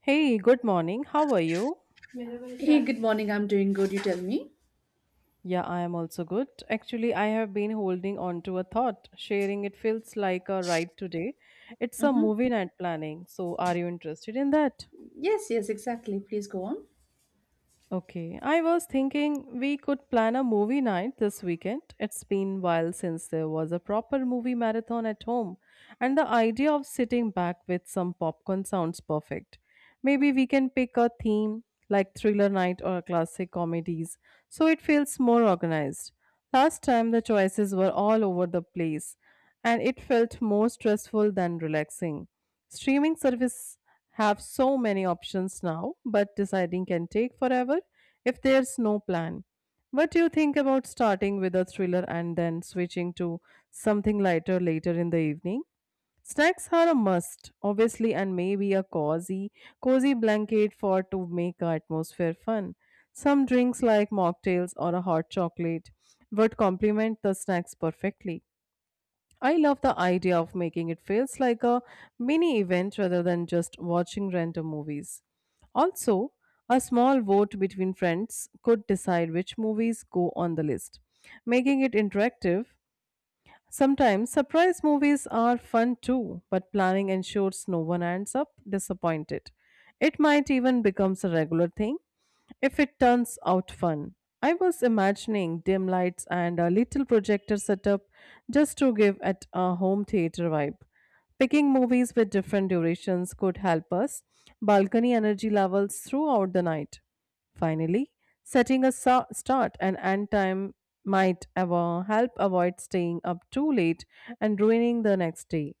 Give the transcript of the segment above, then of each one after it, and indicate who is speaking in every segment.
Speaker 1: Hey, good morning. How are you?
Speaker 2: Hey, good morning. I'm doing good. You tell me.
Speaker 1: Yeah, I am also good. Actually, I have been holding on to a thought. Sharing it feels like a ride today. It's a
Speaker 2: Mm-hmm.
Speaker 1: movie night planning. So, are you interested in that?
Speaker 2: Yes, yes, exactly. Please go on.
Speaker 1: Okay, I was thinking we could plan a movie night this weekend. It's been while since there was a proper movie marathon at home, and the idea of sitting back with some popcorn sounds perfect. Maybe we can pick a theme like thriller night or classic comedies so it feels more organized. Last time the choices were all over the place and it felt more stressful than relaxing. Streaming services have so many options now, but deciding can take forever if there's no plan. What do you think about starting with a thriller and then switching to something lighter later in the evening? Snacks are a must, obviously, and maybe a cozy blanket for to make our atmosphere fun. Some drinks like mocktails or a hot chocolate would complement the snacks perfectly. I love the idea of making it feels like a mini event rather than just watching random movies. Also, a small vote between friends could decide which movies go on the list, making it interactive. Sometimes surprise movies are fun too, but planning ensures no one ends up disappointed. It might even becomes a regular thing if it turns out fun. I was imagining dim lights and a little projector setup just to give it a home theater vibe. Picking movies with different durations could help us balcony energy levels throughout the night. Finally, setting a start and end time might help avoid staying up too late and ruining the next day.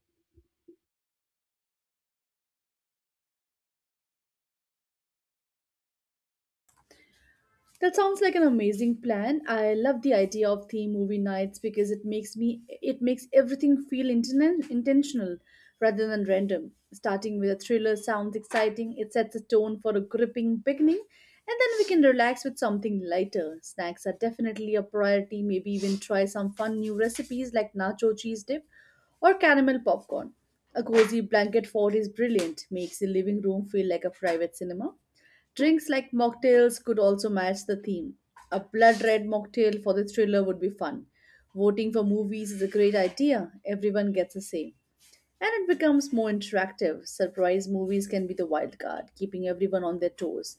Speaker 2: That sounds like an amazing plan. I love the idea of theme movie nights because it makes everything feel intentional rather than random. Starting with a thriller sounds exciting. It sets a tone for a gripping beginning, and then we can relax with something lighter. Snacks are definitely a priority. Maybe even try some fun new recipes like nacho cheese dip or caramel popcorn. A cozy blanket fort is brilliant. Makes the living room feel like a private cinema. Drinks like mocktails could also match the theme. A blood red mocktail for the thriller would be fun. Voting for movies is a great idea. Everyone gets the same, and it becomes more interactive. Surprise movies can be the wild card, keeping everyone on their toes.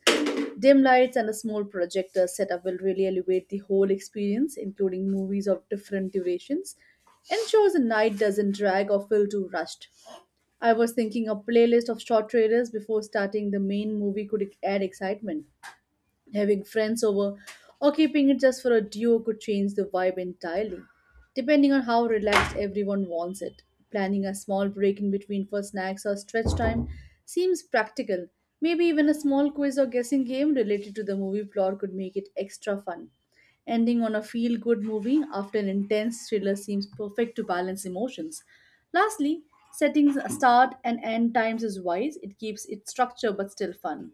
Speaker 2: Dim lights and a small projector setup will really elevate the whole experience, including movies of different durations, ensures the night doesn't drag or feel too rushed. I was thinking a playlist of short trailers before starting the main movie could add excitement. Having friends over or keeping it just for a duo could change the vibe entirely, depending on how relaxed everyone wants it. Planning a small break in between for snacks or stretch time seems practical. Maybe even a small quiz or guessing game related to the movie plot could make it extra fun. Ending on a feel good movie after an intense thriller seems perfect to balance emotions. Lastly, setting start and end times is wise, it keeps its structure but still fun.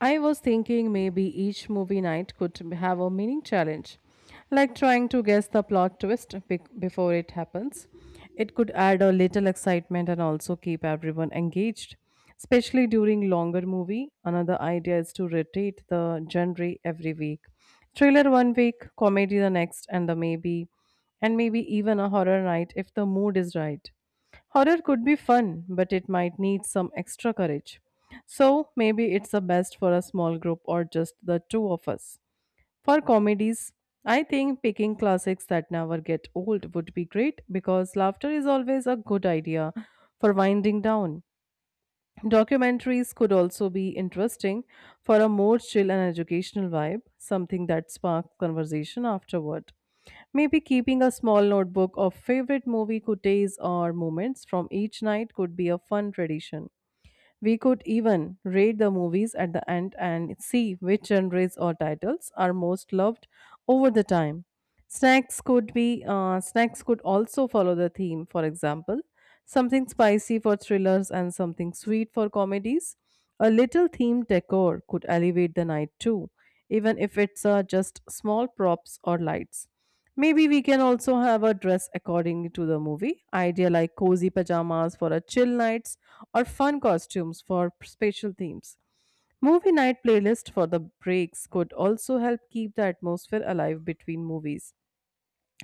Speaker 1: I was thinking maybe each movie night could have a mini challenge, like trying to guess the plot twist before it happens. It could add a little excitement and also keep everyone engaged, especially during longer movie. Another idea is to rotate the genre every week. Thriller one week, comedy the next, and maybe even a horror night if the mood is right. Horror could be fun, but it might need some extra courage. So maybe it's the best for a small group or just the two of us. For comedies, I think picking classics that never get old would be great because laughter is always a good idea for winding down. Documentaries could also be interesting for a more chill and educational vibe, something that sparks conversation afterward. Maybe keeping a small notebook of favorite movie quotes or moments from each night could be a fun tradition. We could even rate the movies at the end and see which genres or titles are most loved over the time. Snacks could also follow the theme. For example, something spicy for thrillers and something sweet for comedies. A little themed decor could elevate the night too, even if it's just small props or lights. Maybe we can also have a dress according to the movie. Idea like cozy pajamas for a chill nights or fun costumes for special themes. Movie night playlist for the breaks could also help keep the atmosphere alive between movies.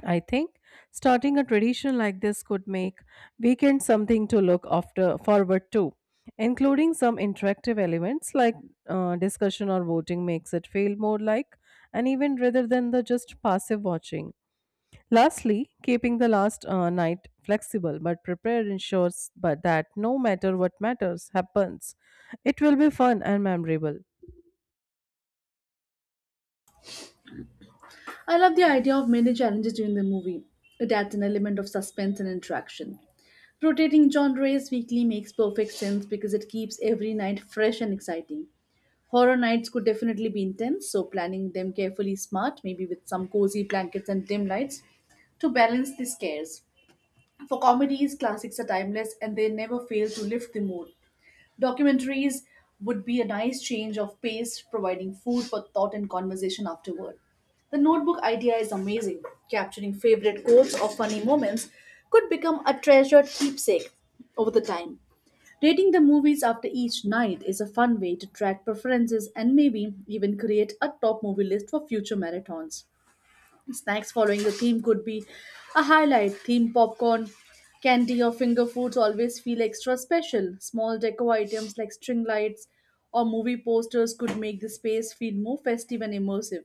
Speaker 1: I think starting a tradition like this could make weekends something to look after forward to, including some interactive elements like discussion or voting makes it feel more like an event rather than the just passive watching. Lastly, keeping the last night flexible but prepared ensures but that no matter what matters happens, it will be fun and memorable.
Speaker 2: I love the idea of many challenges during the movie. It adds an element of suspense and interaction. Rotating genres weekly makes perfect sense because it keeps every night fresh and exciting. Horror nights could definitely be intense, so planning them carefully is smart, maybe with some cozy blankets and dim lights to balance the scares. For comedies, classics are timeless and they never fail to lift the mood. Documentaries would be a nice change of pace, providing food for thought and conversation afterward. The notebook idea is amazing. Capturing favorite quotes or funny moments could become a treasured keepsake over the time. Rating the movies after each night is a fun way to track preferences and maybe even create a top movie list for future marathons. Snacks following the theme could be a highlight. Theme popcorn, candy, or finger foods always feel extra special. Small deco items like string lights or movie posters could make the space feel more festive and immersive.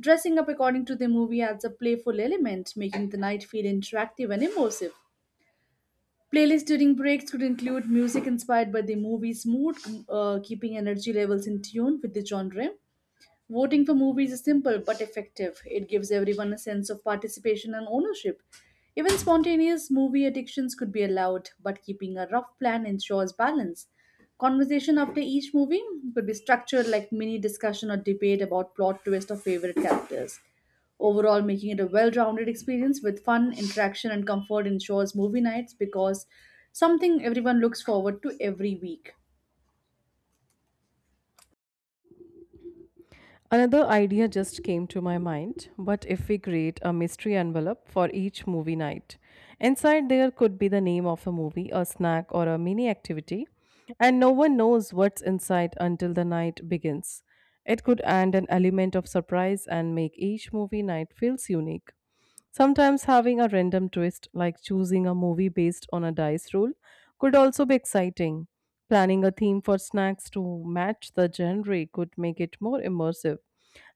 Speaker 2: Dressing up according to the movie adds a playful element, making the night feel interactive and immersive. Playlists during breaks could include music inspired by the movie's mood, keeping energy levels in tune with the genre. Voting for movies is simple but effective. It gives everyone a sense of participation and ownership. Even spontaneous movie addictions could be allowed, but keeping a rough plan ensures balance. Conversation after each movie could be structured like mini discussion or debate about plot twist or favorite characters. Overall, making it a well rounded experience with fun, interaction, and comfort ensures movie nights because something everyone looks forward to every week.
Speaker 1: Another idea just came to my mind. What if we create a mystery envelope for each movie night? Inside there could be the name of a movie, a snack, or a mini activity, and no one knows what's inside until the night begins. It could add an element of surprise and make each movie night feels unique. Sometimes having a random twist, like choosing a movie based on a dice roll, could also be exciting. Planning a theme for snacks to match the genre could make it more immersive,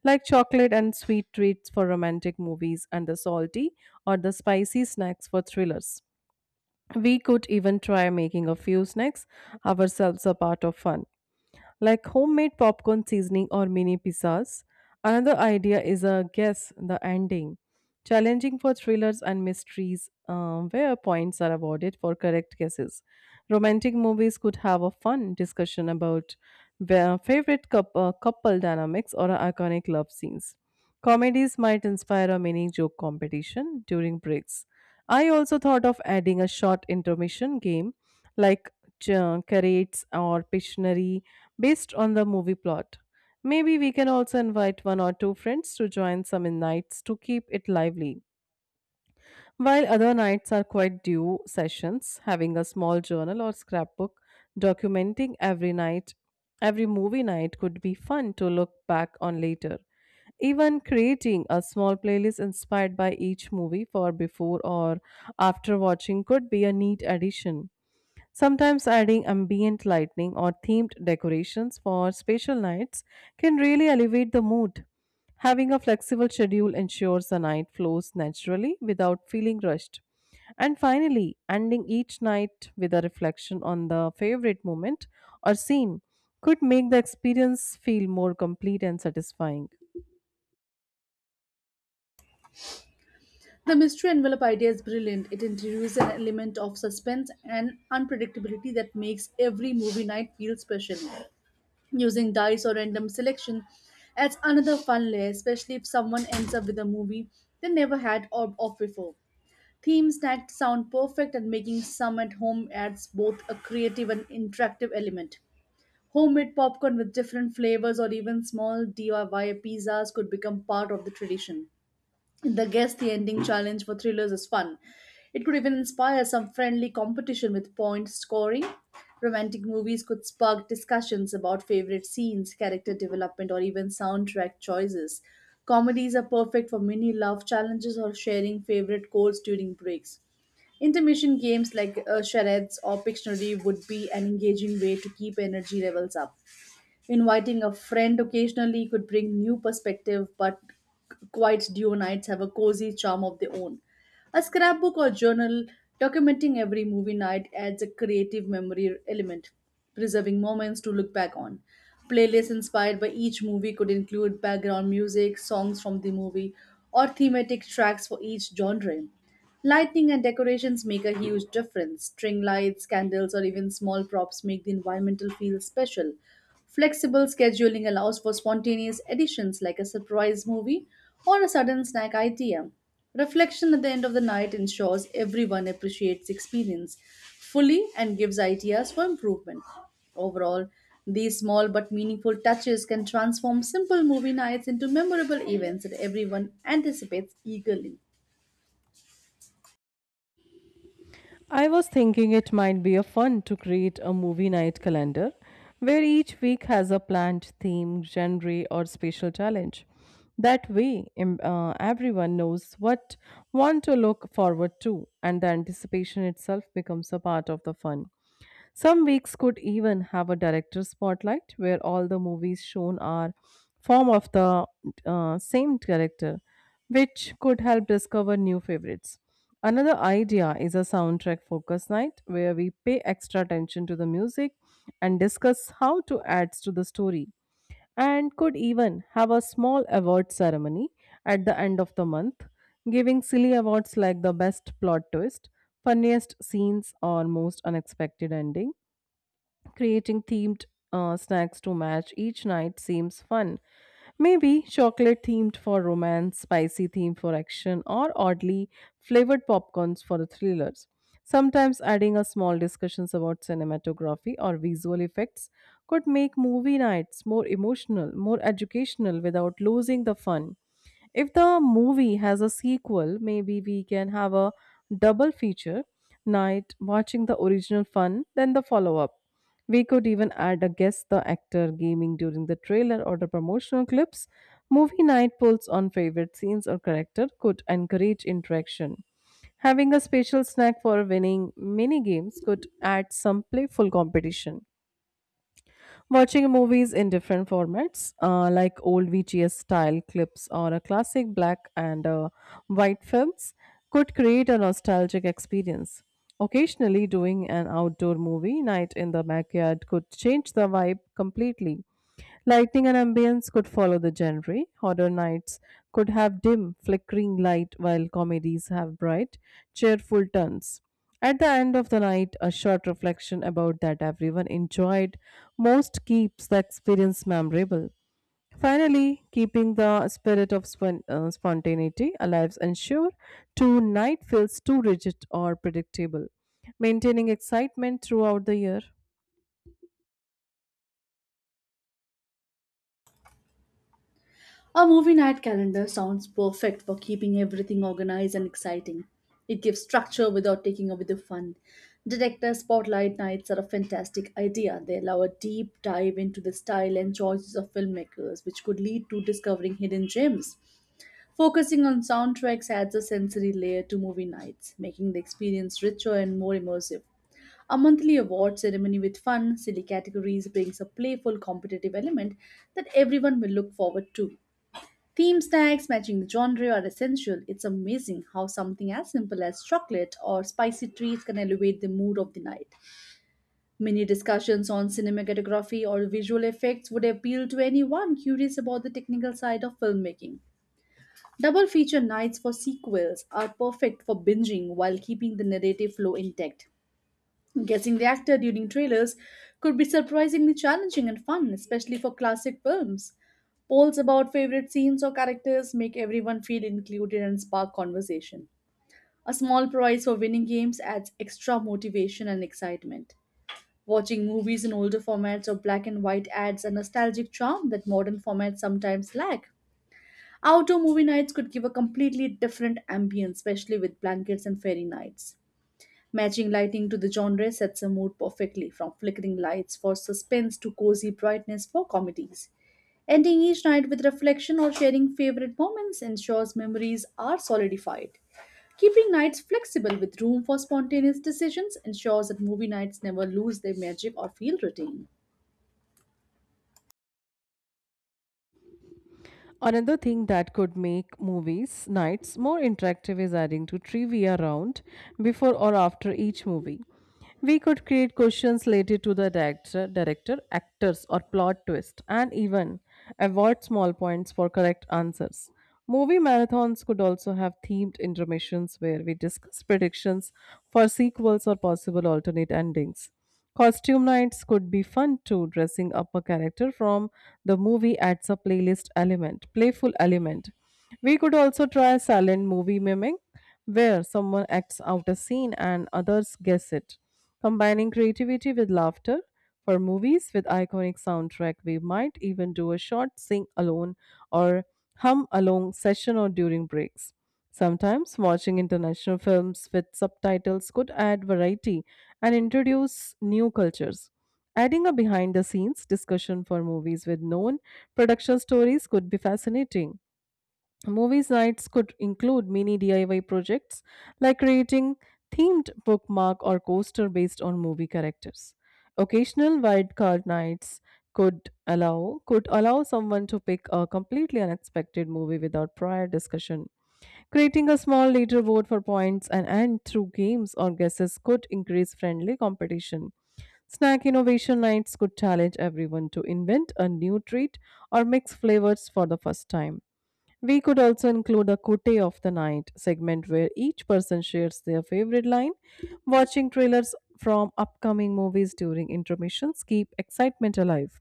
Speaker 1: like chocolate and sweet treats for romantic movies, and the salty or the spicy snacks for thrillers. We could even try making a few snacks ourselves a part of fun like homemade popcorn seasoning or mini pizzas. Another idea is a guess the ending, challenging for thrillers and mysteries, where points are awarded for correct guesses. Romantic movies could have a fun discussion about their favorite couple dynamics or iconic love scenes. Comedies might inspire a mini joke competition during breaks. I also thought of adding a short intermission game like curates or Pictionary based on the movie plot. Maybe we can also invite one or two friends to join some nights to keep it lively. While other nights are quite due sessions, having a small journal or scrapbook documenting every night, every movie night could be fun to look back on later. Even creating a small playlist inspired by each movie for before or after watching could be a neat addition. Sometimes adding ambient lighting or themed decorations for special nights can really elevate the mood. Having a flexible schedule ensures the night flows naturally without feeling rushed. And finally, ending each night with a reflection on the favorite moment or scene could make the experience feel more complete and satisfying.
Speaker 2: The mystery envelope idea is brilliant. It introduces an element of suspense and unpredictability that makes every movie night feel special. Using dice or random selection adds another fun layer, especially if someone ends up with a movie they never had or of before. Theme snacks sound perfect, and making some at home adds both a creative and interactive element. Homemade popcorn with different flavors or even small DIY pizzas could become part of the tradition. The guess the ending challenge for thrillers is fun. It could even inspire some friendly competition with point scoring. Romantic movies could spark discussions about favorite scenes, character development, or even soundtrack choices. Comedies are perfect for mini love challenges or sharing favorite quotes during breaks. Intermission games like charades or Pictionary would be an engaging way to keep energy levels up. Inviting a friend occasionally could bring new perspective, but quiet duo nights have a cozy charm of their own. A scrapbook or journal documenting every movie night adds a creative memory element, preserving moments to look back on. Playlists inspired by each movie could include background music, songs from the movie, or thematic tracks for each genre. Lighting and decorations make a huge difference. String lights, candles, or even small props make the environmental feel special. Flexible scheduling allows for spontaneous additions like a surprise movie or a sudden snack idea. Reflection at the end of the night ensures everyone appreciates the experience fully and gives ideas for improvement. Overall, these small but meaningful touches can transform simple movie nights into memorable events that everyone anticipates eagerly.
Speaker 1: I was thinking it might be a fun to create a movie night calendar where each week has a planned theme, genre, or special challenge. That way, everyone knows what one to look forward to, and the anticipation itself becomes a part of the fun. Some weeks could even have a director spotlight where all the movies shown are form of the same director, which could help discover new favorites. Another idea is a soundtrack focus night where we pay extra attention to the music and discuss how to adds to the story and could even have a small award ceremony at the end of the month giving silly awards like the best plot twist, funniest scenes or most unexpected ending. Creating themed snacks to match each night seems fun. Maybe chocolate themed for romance, spicy themed for action, or oddly flavored popcorns for the thrillers. Sometimes adding a small discussions about cinematography or visual effects could make movie nights more emotional, more educational without losing the fun. If the movie has a sequel, maybe we can have a double feature night watching the original fun, then the follow up. We could even add a guest the actor gaming during the trailer or the promotional clips. Movie night polls on favorite scenes or character could encourage interaction. Having a special snack for winning mini games could add some playful competition. Watching movies in different formats, like old VHS style clips or a classic black and white films, could create a nostalgic experience. Occasionally, doing an outdoor movie night in the backyard could change the vibe completely. Lighting and ambience could follow the genre. Horror nights could have dim, flickering light, while comedies have bright, cheerful turns. At the end of the night, a short reflection about that everyone enjoyed most keeps the experience memorable. Finally, keeping the spirit of spontaneity alive ensure to night feels too rigid or predictable, maintaining excitement throughout the year.
Speaker 2: A movie night calendar sounds perfect for keeping everything organized and exciting. It gives structure without taking away the fun. Detector spotlight nights are a fantastic idea. They allow a deep dive into the style and choices of filmmakers, which could lead to discovering hidden gems. Focusing on soundtracks adds a sensory layer to movie nights, making the experience richer and more immersive. A monthly award ceremony with fun, silly categories brings a playful competitive element that everyone will look forward to. Theme snacks matching the genre are essential. It's amazing how something as simple as chocolate or spicy treats can elevate the mood of the night. Many discussions on cinematography or visual effects would appeal to anyone curious about the technical side of filmmaking. Double feature nights for sequels are perfect for binging while keeping the narrative flow intact. Guessing the actor during trailers could be surprisingly challenging and fun, especially for classic films. Polls about favorite scenes or characters make everyone feel included and spark conversation. A small prize for winning games adds extra motivation and excitement. Watching movies in older formats or black and white adds a nostalgic charm that modern formats sometimes lack. Outdoor movie nights could give a completely different ambience, especially with blankets and fairy nights. Matching lighting to the genre sets a mood perfectly, from flickering lights for suspense to cozy brightness for comedies. Ending each night with reflection or sharing favorite moments ensures memories are solidified. Keeping nights flexible with room for spontaneous decisions ensures that movie nights never lose their magic or feel routine.
Speaker 1: Another thing that could make movies nights more interactive is adding to trivia round before or after each movie. We could create questions related to the director, actors, or plot twist, and even award small points for correct answers. Movie marathons could also have themed intermissions where we discuss predictions for sequels or possible alternate endings. Costume nights could be fun too, dressing up a character from the movie adds a playful element, we could also try silent movie miming, where someone acts out a scene and others guess it, combining creativity with laughter. For movies with iconic soundtrack, we might even do a short sing alone or hum along session or during breaks. Sometimes watching international films with subtitles could add variety and introduce new cultures. Adding a behind the scenes discussion for movies with known production stories could be fascinating. Movie nights could include mini DIY projects like creating themed bookmark or coaster based on movie characters. Occasional wildcard nights could allow someone to pick a completely unexpected movie without prior discussion. Creating a small leaderboard for points and end through games or guesses could increase friendly competition. Snack innovation nights could challenge everyone to invent a new treat or mix flavors for the first time. We could also include a Kote of the Night segment where each person shares their favorite line. Watching trailers from upcoming movies during intermissions keep excitement alive.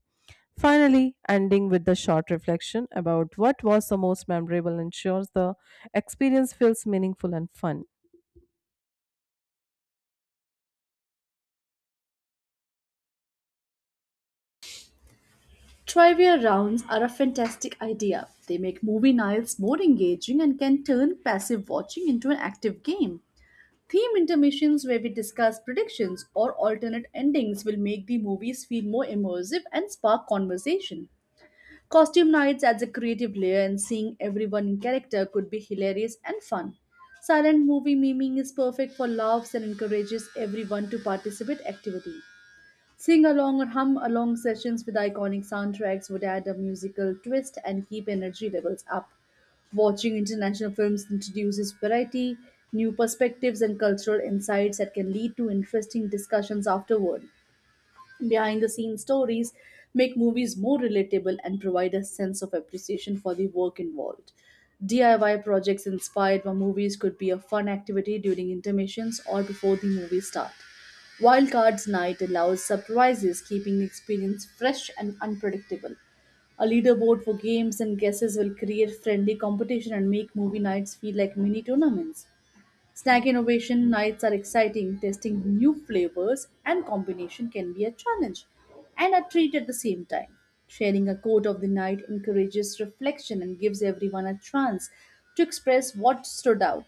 Speaker 1: Finally, ending with the short reflection about what was the most memorable ensures the experience feels meaningful and fun.
Speaker 2: Trivia rounds are a fantastic idea. They make movie nights more engaging and can turn passive watching into an active game. Theme intermissions, where we discuss predictions or alternate endings, will make the movies feel more immersive and spark conversation. Costume nights adds a creative layer, and seeing everyone in character could be hilarious and fun. Silent movie memeing is perfect for laughs and encourages everyone to participate activity. Sing along or hum along sessions with iconic soundtracks would add a musical twist and keep energy levels up. Watching international films introduces variety, new perspectives, and cultural insights that can lead to interesting discussions afterward. Behind the scenes stories make movies more relatable and provide a sense of appreciation for the work involved. DIY projects inspired by movies could be a fun activity during intermissions or before the movie start. Wildcards night allows surprises, keeping the experience fresh and unpredictable. A leaderboard for games and guesses will create friendly competition and make movie nights feel like mini tournaments. Snack innovation nights are exciting. Testing new flavors and combination can be a challenge and a treat at the same time. Sharing a quote of the night encourages reflection and gives everyone a chance to express what stood out.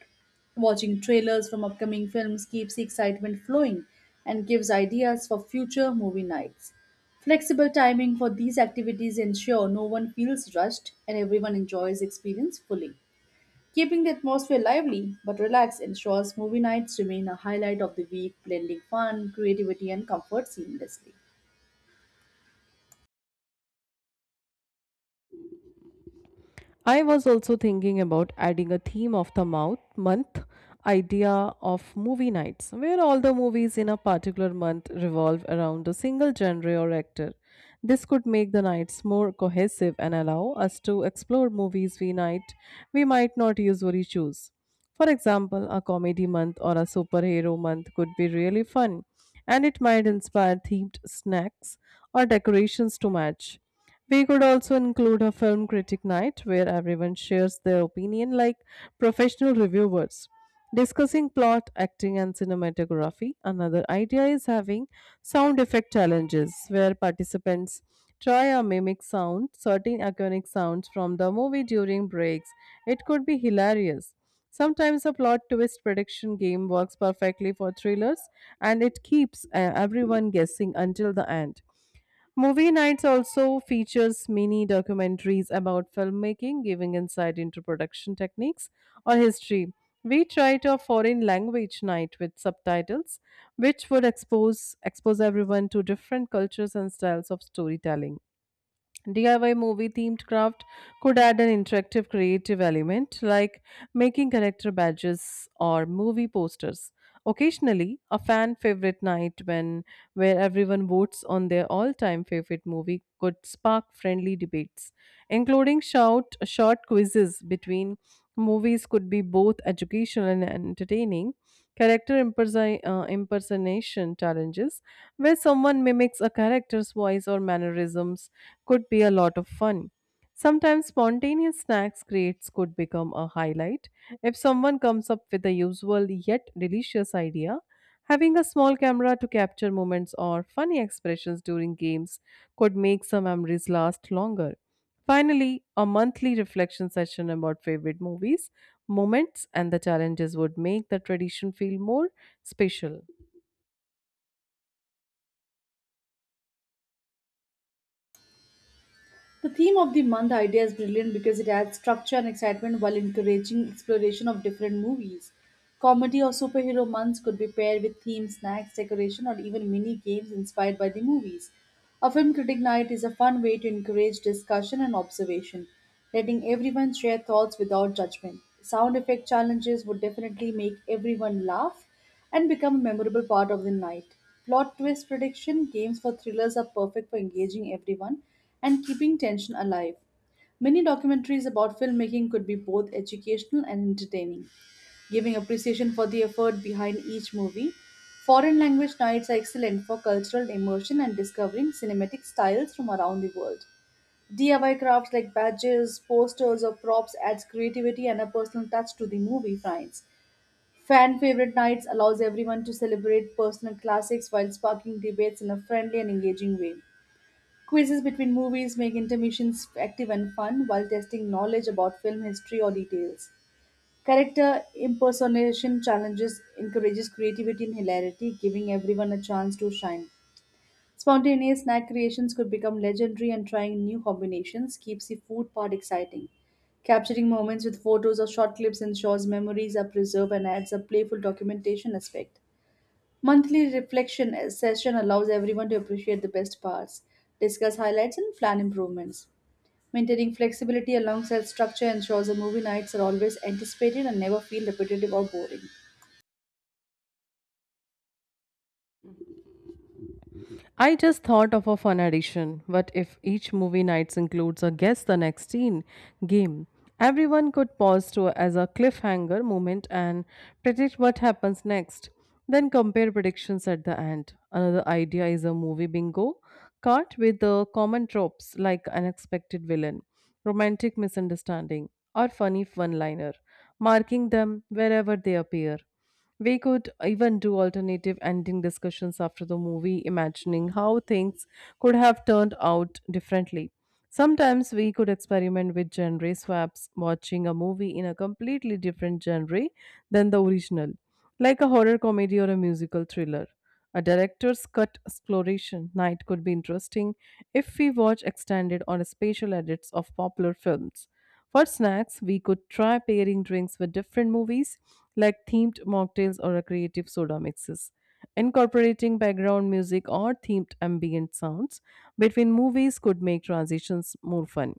Speaker 2: Watching trailers from upcoming films keeps the excitement flowing and gives ideas for future movie nights. Flexible timing for these activities ensure no one feels rushed and everyone enjoys the experience fully. Keeping the atmosphere lively but relaxed ensures movie nights remain a highlight of the week, blending fun, creativity, and comfort seamlessly.
Speaker 1: I was also thinking about adding a theme of the mouth month idea of movie nights, where all the movies in a particular month revolve around a single genre or actor. This could make the nights more cohesive and allow us to explore movies we might not usually choose. For example, a comedy month or a superhero month could be really fun, and it might inspire themed snacks or decorations to match. We could also include a film critic night where everyone shares their opinion like professional reviewers, discussing plot, acting, and cinematography. Another idea is having sound effect challenges where participants try or mimic sound, certain iconic sounds from the movie during breaks. It could be hilarious. Sometimes a plot twist prediction game works perfectly for thrillers and it keeps everyone guessing until the end. Movie nights also features mini documentaries about filmmaking, giving insight into production techniques or history. We tried a foreign language night with subtitles, which would expose everyone to different cultures and styles of storytelling. DIY movie themed craft could add an interactive creative element like making character badges or movie posters. Occasionally, a fan favorite night when where everyone votes on their all-time favorite movie could spark friendly debates. Including shout short quizzes between movies could be both educational and entertaining. Character impersonation challenges, where someone mimics a character's voice or mannerisms, could be a lot of fun. Sometimes spontaneous snacks creates could become a highlight. If someone comes up with a usual yet delicious idea, having a small camera to capture moments or funny expressions during games could make some memories last longer. Finally, a monthly reflection session about favorite movies moments and the challenges would make the tradition feel more special.
Speaker 2: The theme of the month idea is brilliant because it adds structure and excitement while encouraging exploration of different movies. Comedy or superhero months could be paired with themed snacks, decoration, or even mini games inspired by the movies. A film critic night is a fun way to encourage discussion and observation, letting everyone share thoughts without judgment. Sound effect challenges would definitely make everyone laugh and become a memorable part of the night. Plot twist prediction games for thrillers are perfect for engaging everyone and keeping tension alive. Many documentaries about filmmaking could be both educational and entertaining, giving appreciation for the effort behind each movie. Foreign language nights are excellent for cultural immersion and discovering cinematic styles from around the world. DIY crafts like badges, posters, or props adds creativity and a personal touch to the movie finds. Fan favorite nights allows everyone to celebrate personal classics while sparking debates in a friendly and engaging way. Quizzes between movies make intermissions active and fun while testing knowledge about film history or details. Character impersonation challenges encourages creativity and hilarity, giving everyone a chance to shine. Spontaneous snack creations could become legendary, and trying new combinations keeps the food part exciting. Capturing moments with photos or short clips ensures memories are preserved and adds a playful documentation aspect. Monthly reflection session allows everyone to appreciate the best parts, discuss highlights, and plan improvements. Maintaining flexibility alongside structure ensures the movie nights are always anticipated and never feel repetitive or boring.
Speaker 1: I just thought of a fun addition. What if each movie nights includes a guess the next scene game? Everyone could pause to as a cliffhanger moment and predict what happens next. Then compare predictions at the end. Another idea is a movie bingo card with the common tropes like unexpected villain, romantic misunderstanding, or funny one liner, marking them wherever they appear. We could even do alternative ending discussions after the movie, imagining how things could have turned out differently. Sometimes we could experiment with genre swaps, watching a movie in a completely different genre than the original, like a horror comedy or a musical thriller. A director's cut exploration night could be interesting if we watch extended or special edits of popular films. For snacks, we could try pairing drinks with different movies like themed mocktails or a creative soda mixes. Incorporating background music or themed ambient sounds between movies could make transitions more fun.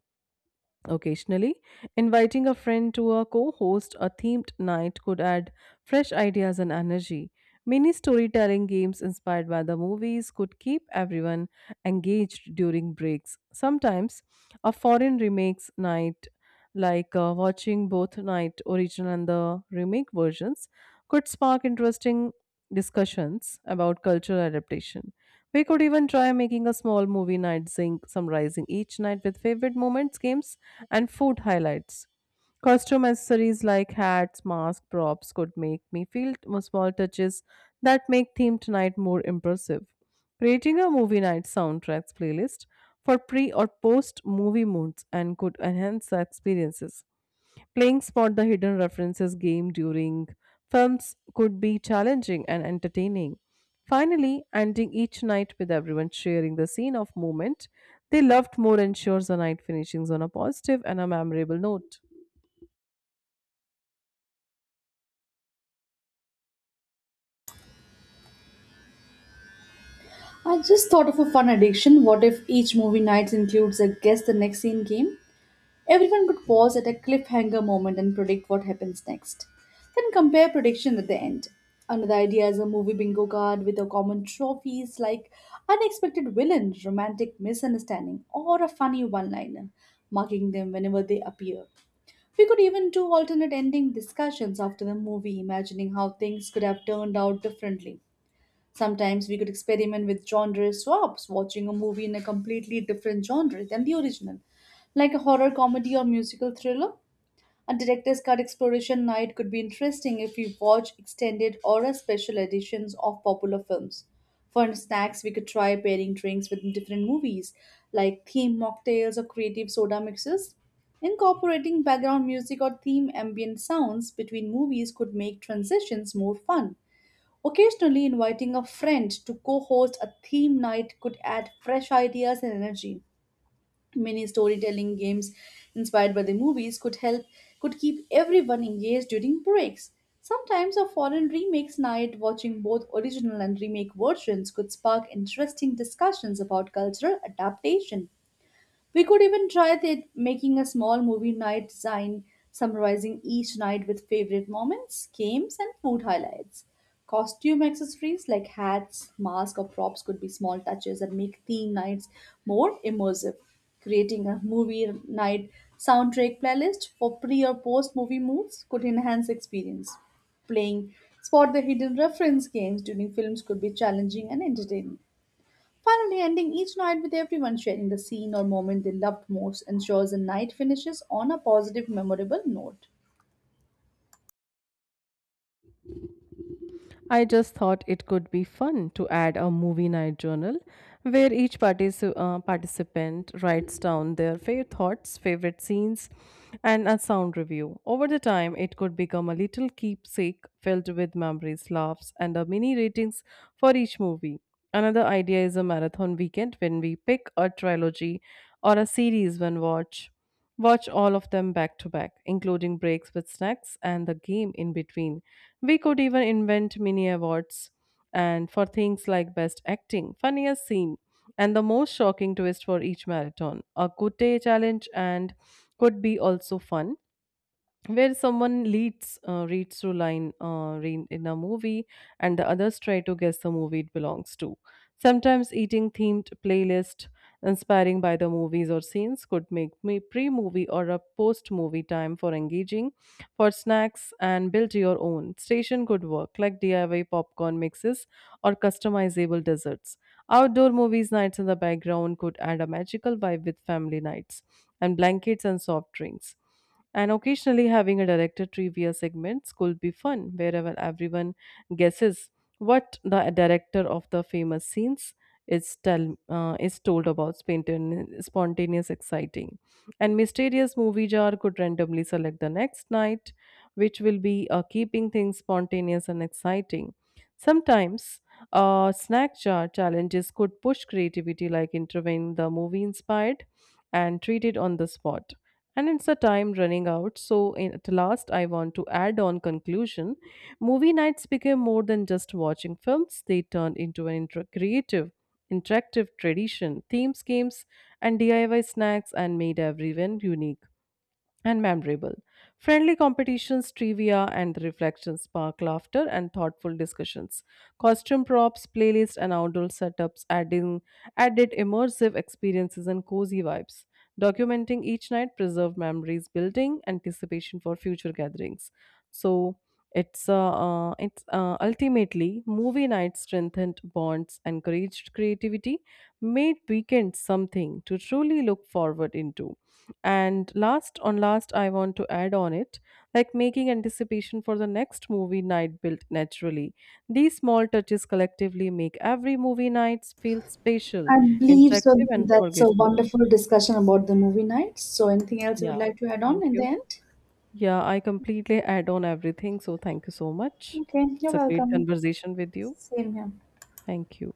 Speaker 1: Occasionally, inviting a friend to a co host a themed night could add fresh ideas and energy. Mini storytelling games inspired by the movies could keep everyone engaged during breaks. Sometimes, a foreign remakes night like watching both night original and the remake versions could spark interesting discussions about cultural adaptation. We could even try making a small movie night sync summarizing each night with favorite moments games and food highlights. Costume accessories like hats, masks, props could make me small touches that make themed night more impressive. Creating a movie night soundtracks playlist for pre or post movie moods and could enhance the experiences. Playing spot the hidden references game during films could be challenging and entertaining. Finally, ending each night with everyone sharing the scene of moment they loved more ensures the night finishings on a positive and a memorable note.
Speaker 2: I just thought of a fun addiction. What if each movie night includes a guess the next scene game? Everyone could pause at a cliffhanger moment and predict what happens next. Then compare predictions at the end. Another idea is a movie bingo card with a common trophies like unexpected villain, romantic misunderstanding, or a funny one-liner, marking them whenever they appear. We could even do alternate ending discussions after the movie, imagining how things could have turned out differently. Sometimes we could experiment with genre swaps, watching a movie in a completely different genre than the original, like a horror comedy or musical thriller. A director's cut exploration night could be interesting if we watch extended or a special editions of popular films. For snacks, we could try pairing drinks with different movies, like theme mocktails or creative soda mixes. Incorporating background music or theme ambient sounds between movies could make transitions more fun. Occasionally, inviting a friend to co host a theme night could add fresh ideas and energy. Mini storytelling games inspired by the movies could keep everyone engaged during breaks. Sometimes a foreign remakes night watching both original and remake versions could spark interesting discussions about cultural adaptation. We could even try making a small movie night sign summarizing each night with favorite moments, games, and food highlights. Costume accessories like hats, masks, or props could be small touches that make theme nights more immersive. Creating a movie night soundtrack playlist for pre or post movie moods could enhance experience. Playing spot the hidden reference games during films could be challenging and entertaining. Finally, ending each night with everyone sharing the scene or moment they loved most ensures the night finishes on a positive, memorable note.
Speaker 1: I just thought it could be fun to add a movie night journal where each participant writes down their favorite thoughts, favorite scenes, and a sound review. Over the time, it could become a little keepsake filled with memories, laughs, and a mini ratings for each movie. Another idea is a marathon weekend when we pick a trilogy or a series one watch Watch all of them back to back, including breaks with snacks and the game in between. We could even invent mini awards and for things like best acting, funniest scene, and the most shocking twist for each marathon. A good day challenge and could be also fun where someone leads reads through line in a movie and the others try to guess the movie it belongs to. Sometimes eating themed playlist inspiring by the movies or scenes could make me pre-movie or a post-movie time for engaging for snacks and build your own station could work like DIY popcorn mixes or customizable desserts. Outdoor movies nights in the background could add a magical vibe with family nights and blankets and soft drinks, and occasionally having a director trivia segments could be fun, wherever everyone guesses what the director of the famous scenes is told about spontaneous, exciting, and mysterious movie jar could randomly select the next night, which will be keeping things spontaneous and exciting. Sometimes snack jar challenges could push creativity, like interviewing the movie inspired and treat it on the spot, and it's the time running out so in, at last I want to add on conclusion movie nights became more than just watching films. They turned into an creative interactive tradition themes games and DIY snacks and made everyone unique and memorable. Friendly competitions, trivia, and the reflections spark laughter and thoughtful discussions. Costume props, playlists, and outdoor setups adding added immersive experiences and cozy vibes. Documenting each night preserved memories, building anticipation for future gatherings. So it's ultimately movie night strengthened bonds, encouraged creativity, made weekends something to truly look forward into. And last on last, I want to add on it, like making anticipation for the next movie night built naturally. These small touches collectively make every movie night feel special,
Speaker 2: I believe so.
Speaker 1: interactive, and
Speaker 2: That's a
Speaker 1: forgettable.
Speaker 2: wonderful discussion about the movie nights. So, anything else you would
Speaker 1: Yeah,
Speaker 2: like to add on
Speaker 1: thank
Speaker 2: in the
Speaker 1: you.
Speaker 2: end?
Speaker 1: Yeah, I completely add on everything. So thank you so much.
Speaker 2: Okay, you're
Speaker 1: It's a great
Speaker 2: welcome.
Speaker 1: conversation with you.
Speaker 2: Same here.
Speaker 1: Thank you.